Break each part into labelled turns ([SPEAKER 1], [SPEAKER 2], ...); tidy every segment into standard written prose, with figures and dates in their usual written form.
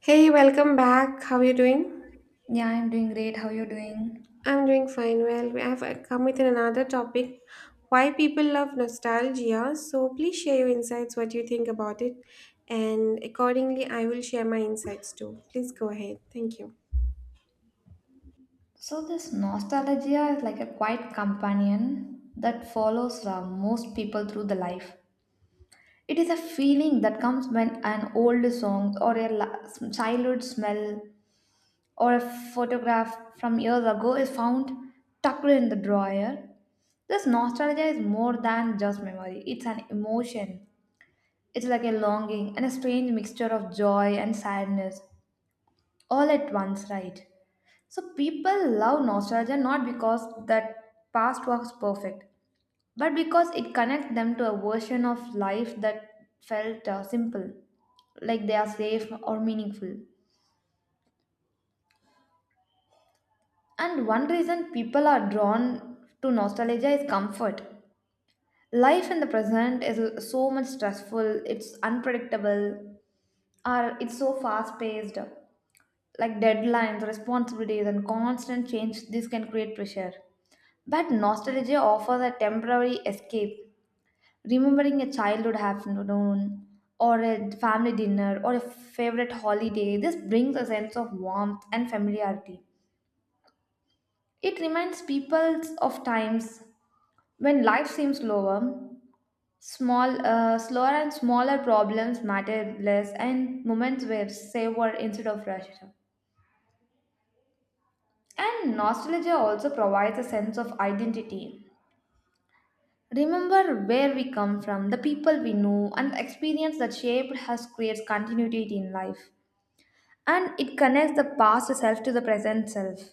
[SPEAKER 1] Hey, welcome back. How are you doing?
[SPEAKER 2] Yeah, I'm doing great. How you doing?
[SPEAKER 1] I'm doing fine. Well, we have come with another topic, why people love nostalgia. So, please share your insights, what you think about it, and accordingly, I will share my insights too. Please go ahead. Thank you.
[SPEAKER 2] So this nostalgia is like a quiet companion that follows most people through the life. It is a feeling that comes when an old song or a childhood smell or a photograph from years ago is found tucked in the drawer. This nostalgia is more than just memory. It's an emotion. It's like a longing and a strange mixture of joy and sadness all at once, right? So people love nostalgia not because that past was perfect, but because it connects them to a version of life that felt simple, like they are safe or meaningful. And one reason people are drawn to nostalgia is comfort. Life in the present is so much stressful, it's unpredictable, or it's so fast paced. Like deadlines, responsibilities, and constant change, this can create pressure. But nostalgia offers a temporary escape. Remembering a childhood afternoon, or a family dinner, or a favorite holiday, this brings a sense of warmth and familiarity. It reminds people of times when life seems slower, slower and smaller problems matter less, and moments were savored instead of rushed. And nostalgia also provides a sense of identity. Remember where we come from, the people we know, and the experience that shaped us creates continuity in life. And it connects the past self to the present self.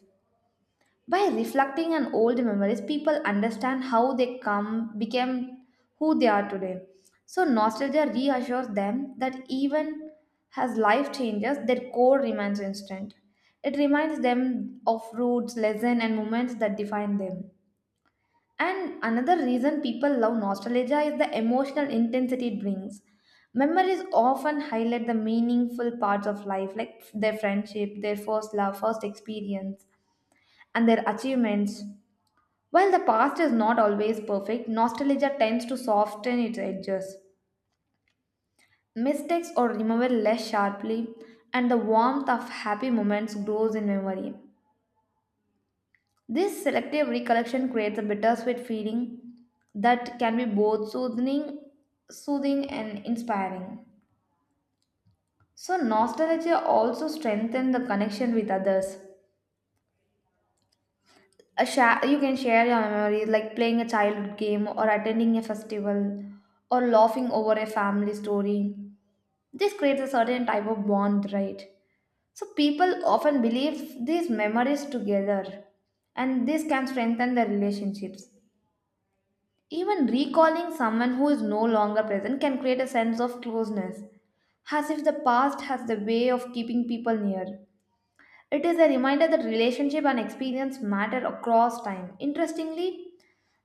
[SPEAKER 2] By reflecting on old memories, people understand how they come became who they are today. So nostalgia reassures them that even as life changes, their core remains instant. It reminds them of roots, lessons, and moments that define them. And another reason people love nostalgia is the emotional intensity it brings. Memories often highlight the meaningful parts of life, like their friendship, their first love, first experience, and their achievements. While the past is not always perfect, nostalgia tends to soften its edges. Mistakes are remembered less sharply, and the warmth of happy moments grows in memory. This selective recollection creates a bittersweet feeling that can be both soothing and inspiring. So nostalgia also strengthens the connection with others. You can share your memories like playing a childhood game or attending a festival or laughing over a family story. This creates a certain type of bond, right? So people often believe these memories together and this can strengthen the relationships. Even recalling someone who is no longer present can create a sense of closeness, as if the past has the way of keeping people near. It is a reminder that relationship and experience matter across time. Interestingly,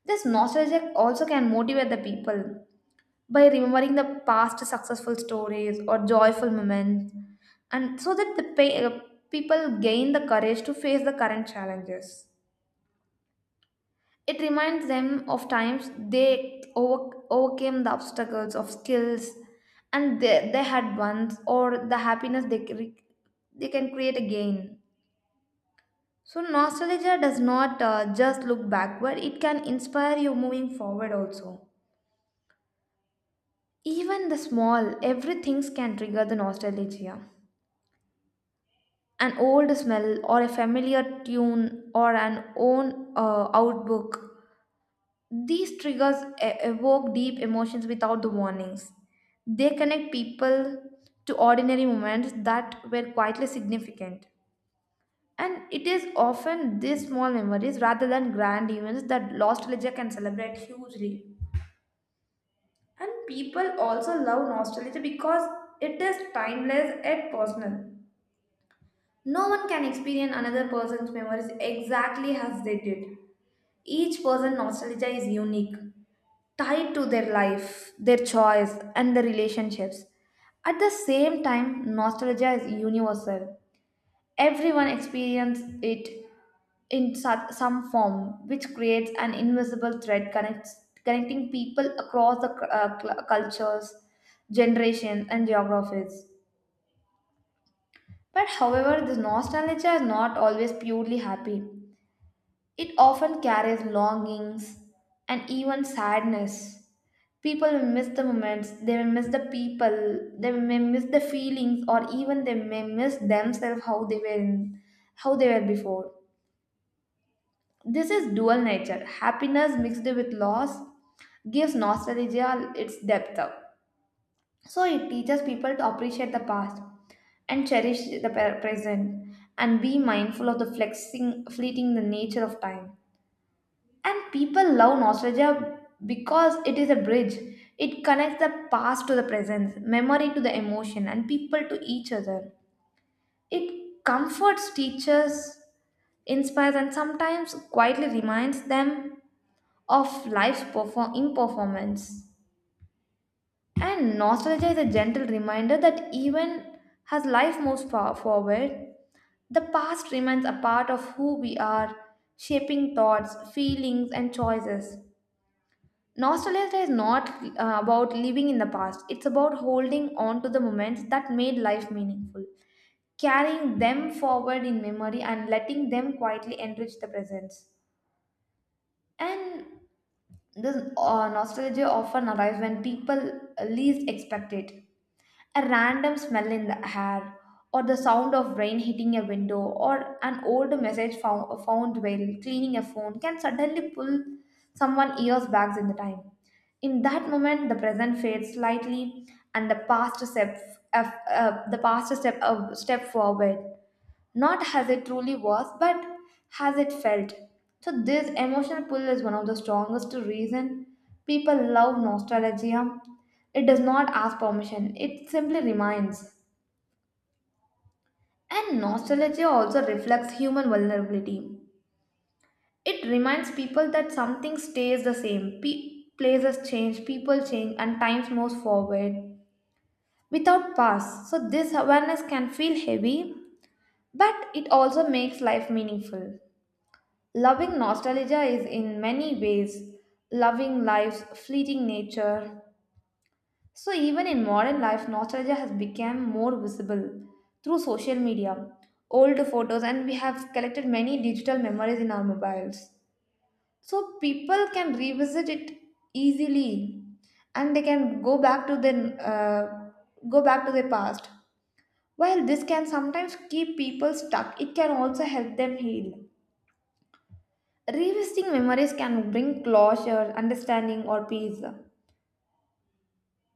[SPEAKER 2] this nostalgia also can motivate the people by remembering the past successful stories or joyful moments, and so that the people gain the courage to face the current challenges. It reminds them of times they overcame the obstacles of skills and they had once or the happiness they can create again. So, nostalgia does not just look backward, it can inspire you moving forward also. Even the small, everything can trigger the nostalgia. An old smell, or a familiar tune, or an own outbook. These triggers evoke deep emotions without the warnings. They connect people to ordinary moments that were quietly significant. And it is often these small memories rather than grand events that nostalgia can celebrate hugely. And people also love nostalgia because it is timeless and personal. No one can experience another person's memories exactly as they did. Each person's nostalgia is unique, tied to their life, their choice, and their relationships. At the same time, nostalgia is universal. Everyone experiences it in some form, which creates an invisible thread connecting people across the cultures, generations, and geographies. But however, this nostalgia is not always purely happy. It often carries longings and even sadness. People will miss the moments, they will miss the people, they may miss the feelings, or even they may miss themselves how they how they were before. This is dual nature. Happiness mixed with loss gives nostalgia its depth. So it teaches people to appreciate the past and cherish the present and be mindful of the flexing fleeting the nature of time. And people love nostalgia because it is a bridge. It connects the past to the present, memory to the emotion, and people to each other. It comforts, teaches, inspires, and sometimes quietly reminds them of life's imperformance. And nostalgia is a gentle reminder that even as life moves far forward, the past remains a part of who we are, shaping thoughts, feelings, and choices. Nostalgia is not about living in the past, it's about holding on to the moments that made life meaningful, carrying them forward in memory, and letting them quietly enrich the present. And this nostalgia often arrives when people least expect it. A random smell in the air, or the sound of rain hitting a window, or an old message found while cleaning a phone can suddenly pull someone years back in the time. In that moment, the present fades slightly, and the the step forward not as it truly was, but as it felt. So this emotional pull is one of the strongest reason people love nostalgia. It does not ask permission, it simply reminds. And nostalgia also reflects human vulnerability. It reminds people that something stays the same. Places change, people change, and times moves forward without past. So this awareness can feel heavy, but it also makes life meaningful. Loving nostalgia is in many ways loving life's fleeting nature. So, even in modern life, nostalgia has become more visible through social media, old photos, and we have collected many digital memories in our mobiles. So, people can revisit it easily and they can go back to uh, go back to their past. While this can sometimes keep people stuck, it can also help them heal. Revisiting memories can bring closure, understanding, or peace.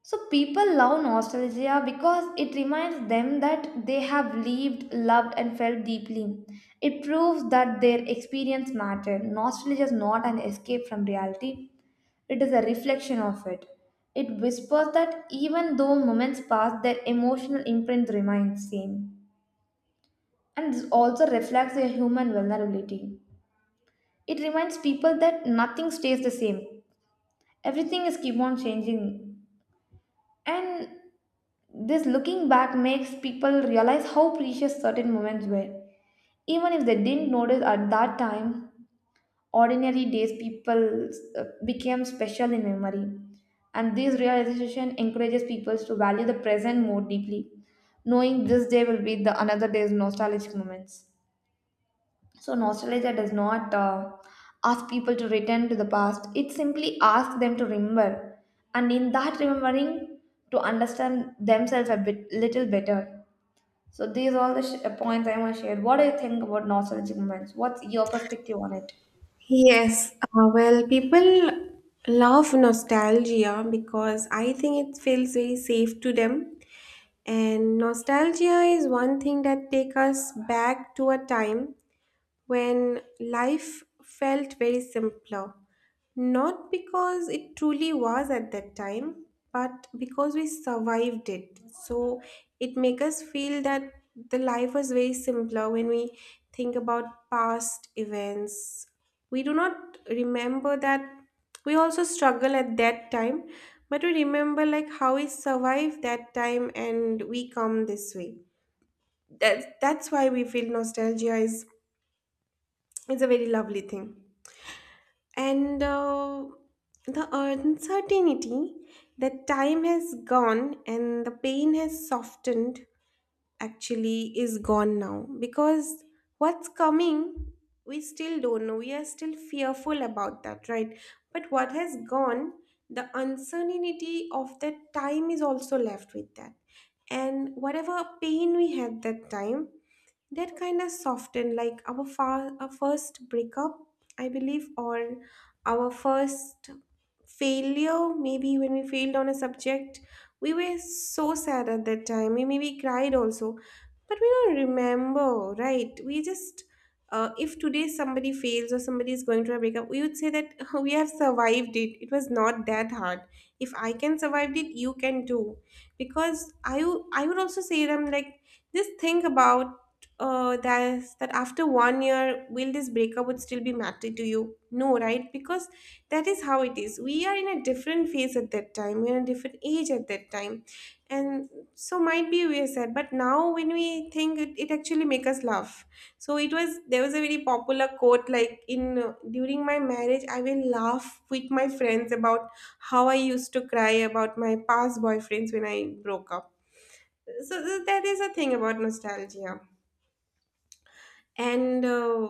[SPEAKER 2] So, people love nostalgia because it reminds them that they have lived, loved, and felt deeply. It proves that their experience mattered. Nostalgia is not an escape from reality, it is a reflection of it. It whispers that even though moments pass, their emotional imprint remains same. And this also reflects their human vulnerability. It reminds people that nothing stays the same, everything is keep on changing, and this looking back makes people realize how precious certain moments were, even if they didn't notice at that time. Ordinary days people became special in memory, and this realization encourages people to value the present more deeply, knowing this day will be the another day's nostalgic moments. So, nostalgia does not ask people to return to the past, it simply asks them to remember. And in that remembering, to understand themselves a bit, little better. So, these are all the points I want to share. What do you think about nostalgic moments? What's your perspective on it?
[SPEAKER 1] Yes, well, people love nostalgia because I think it feels very safe to them. And nostalgia is one thing that take us back to a time when life felt very simpler. Not because it truly was at that time, but because we survived it. So it makes us feel that the life was very simpler when we think about past events. We do not remember that we also struggle at that time, but we remember like how we survived that time and we come this way. That's why we feel nostalgia is it's a very lovely thing. And the uncertainty that time has gone and the pain has softened actually is gone now because what's coming we still don't know. We are still fearful about that, right? But what has gone, the uncertainty of that time is also left with that. And whatever pain we had that time, that kind of softened like our first breakup I believe or our first failure maybe when we failed on a subject, we were so sad at that time, we maybe cried also, but we don't remember, right? We just if today somebody fails or somebody is going through a breakup, we would say that we have survived it, it was not that hard. If I can survive it, you can too. Because I would also say them like, just think about that, after one year, will this breakup would still be matter to you? No, right? Because that is how it is. We are in a different phase at that time. We're in a different age at that time, and so might be we are sad. But now, when we think, it actually make us laugh. So it was there was a very popular quote like in during my marriage, I will laugh with my friends about how I used to cry about my past boyfriends when I broke up. So that is a thing about nostalgia. And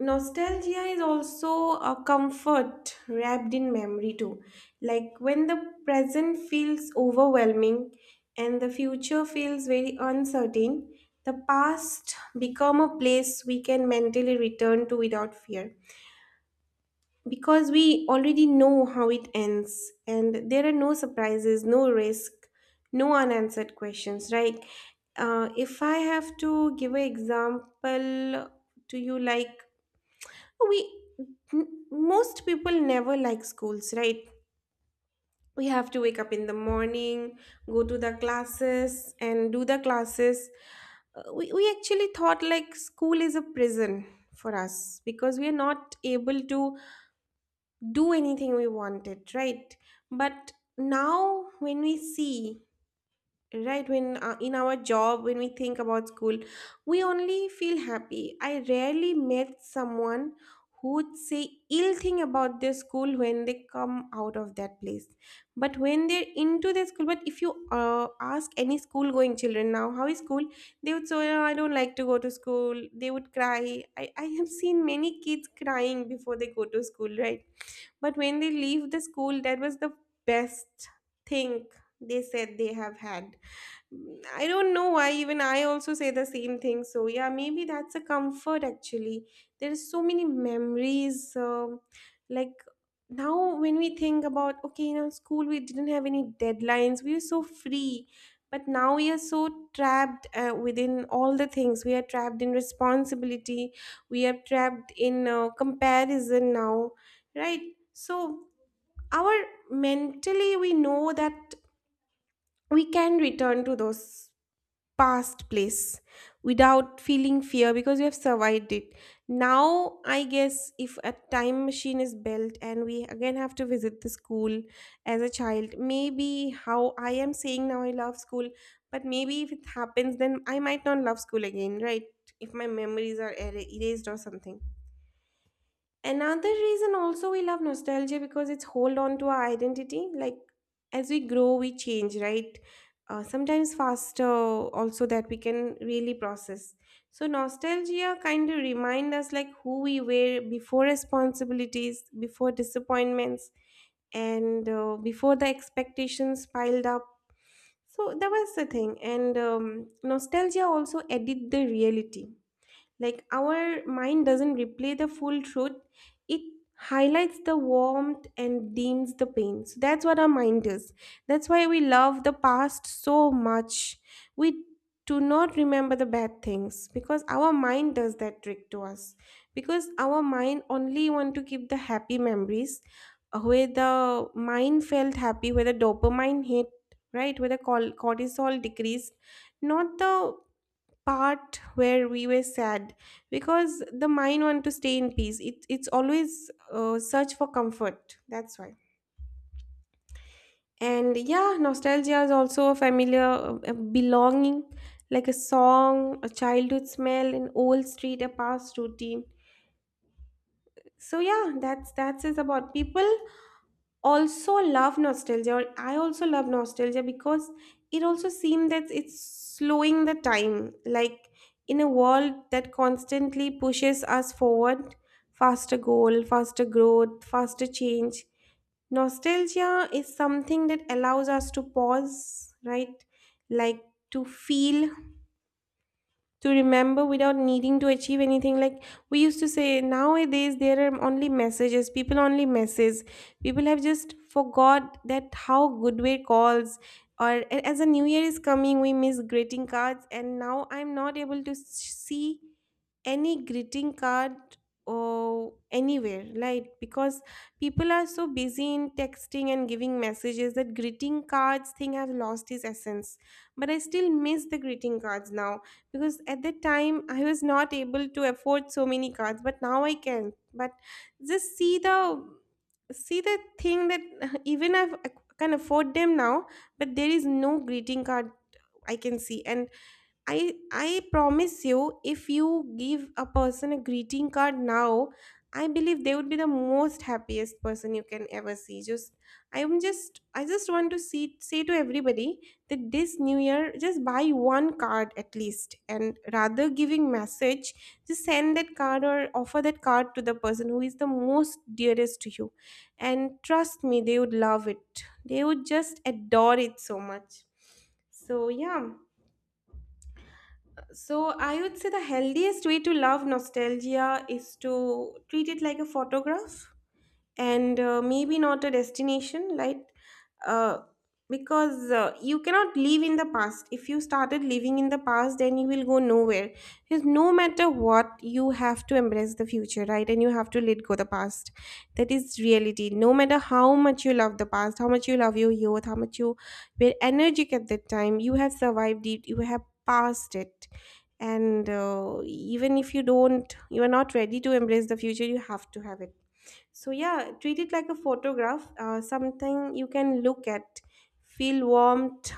[SPEAKER 1] nostalgia is also a comfort wrapped in memory, too. Like when the present feels overwhelming and the future feels very uncertain, the past become a place we can mentally return to without fear, because we already know how it ends and there are no surprises, no risk, no unanswered questions, right? If I have to give an example to you, like we most people never like schools, right? We have to wake up in the morning, go to the classes and do the classes. We actually thought like school is a prison for us because we are not able to do anything we wanted, right? But now when we see, right, when in our job when we think about school, we only feel happy. I rarely met someone who'd say ill thing about their school when they come out of that place. But when they're into their school, but if you ask any school going children now how is school, they would say, oh, I don't like to go to school. They would cry. I have seen many kids crying before they go to school, right? But when they leave the school, that was the best thing they said they have had. I don't know why, even I also say the same thing. So, yeah, maybe that's a comfort actually. There's so many memories. Like now, when we think about, okay, in our school, we didn't have any deadlines, we were so free. But now we are so trapped within all the things. We are trapped in responsibility, we are trapped in comparison now, right? So, our mentally, we know that we can return to those past place without feeling fear because we have survived it. Now I guess if a time machine is built and we again have to visit the school as a child, maybe how I am saying now I love school, but maybe if it happens then I might not love school again, right? If my memories are erased or something. Another reason also we love nostalgia because it's hold on to our identity. Like as we grow, we change, right? Sometimes faster also that we can really process. So nostalgia kind of remind us like who we were before responsibilities, before disappointments, and before the expectations piled up. So that was the thing. And nostalgia also edit the reality, like our mind doesn't replay the full truth, it highlights the warmth and dims the pain. So that's what our mind is. That's why we love the past so much. We do not remember the bad things because our mind does that trick to us. Because our mind only want to keep the happy memories, where the mind felt happy, where the dopamine hit, right? Where the cortisol decreased, not the part where we were sad, because the mind want to stay in peace. It's always search for comfort, that's why. And yeah, nostalgia is also a familiar, a belonging, like a song, a childhood smell, an old street, a past routine. So yeah, that's is about people also love nostalgia, or I also love nostalgia because it also seems that it's slowing the time. Like in a world that constantly pushes us forward, faster goal, faster growth, faster change, nostalgia is something that allows us to pause, right? Like to feel, to remember without needing to achieve anything. Like we used to say nowadays there are only messages, people only message. People have just forgot that how good way calls, or as a new year is coming, we miss greeting cards, and now I'm not able to see any greeting card or anywhere, like, because people are so busy in texting and giving messages that greeting cards thing have lost its essence. But I still miss the greeting cards now, because at that time I was not able to afford so many cards, but now I can. But just see the thing that even if I can afford them now, but there is no greeting card I can see, and I promise you, if you give a person a greeting card now, I believe they would be the most happiest person you can ever see. Just I just want to see say to everybody that this new year just buy one card at least, and rather giving message, just send that card or offer that card to the person who is the most dearest to you. And trust me, they would love it. They would just adore it so much. So yeah, so I would say the healthiest way to love nostalgia is to treat it like a photograph and maybe not a destination, like uh, because you cannot live in the past. If you started living in the past then you will go nowhere, because no matter what you have to embrace the future, right? And you have to let go the past. That is reality, no matter how much you love the past, how much you love your youth, how much you were energetic at that time, you have survived it, you have passed it. And even if you don't, you are not ready to embrace the future, you have to have it. So, yeah, treat it like a photograph, something you can look at, feel warmed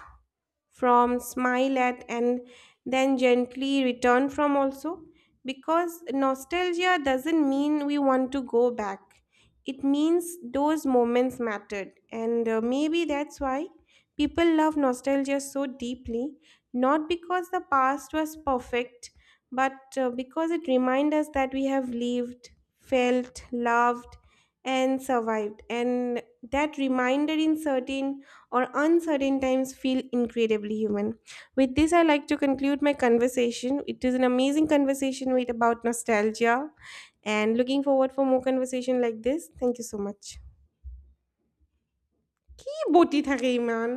[SPEAKER 1] from, smile at, and then gently return from also, because nostalgia doesn't mean we want to go back, it means those moments mattered. And maybe that's why people love nostalgia so deeply, not because the past was perfect, but because it reminds us that we have lived, felt, loved, and survived, and that reminder in certain or uncertain times feel incredibly human. With this, I like to conclude my conversation. It is an amazing conversation with about nostalgia and looking forward for more conversation like this. Thank you so much. কি বটি থাকে ইমান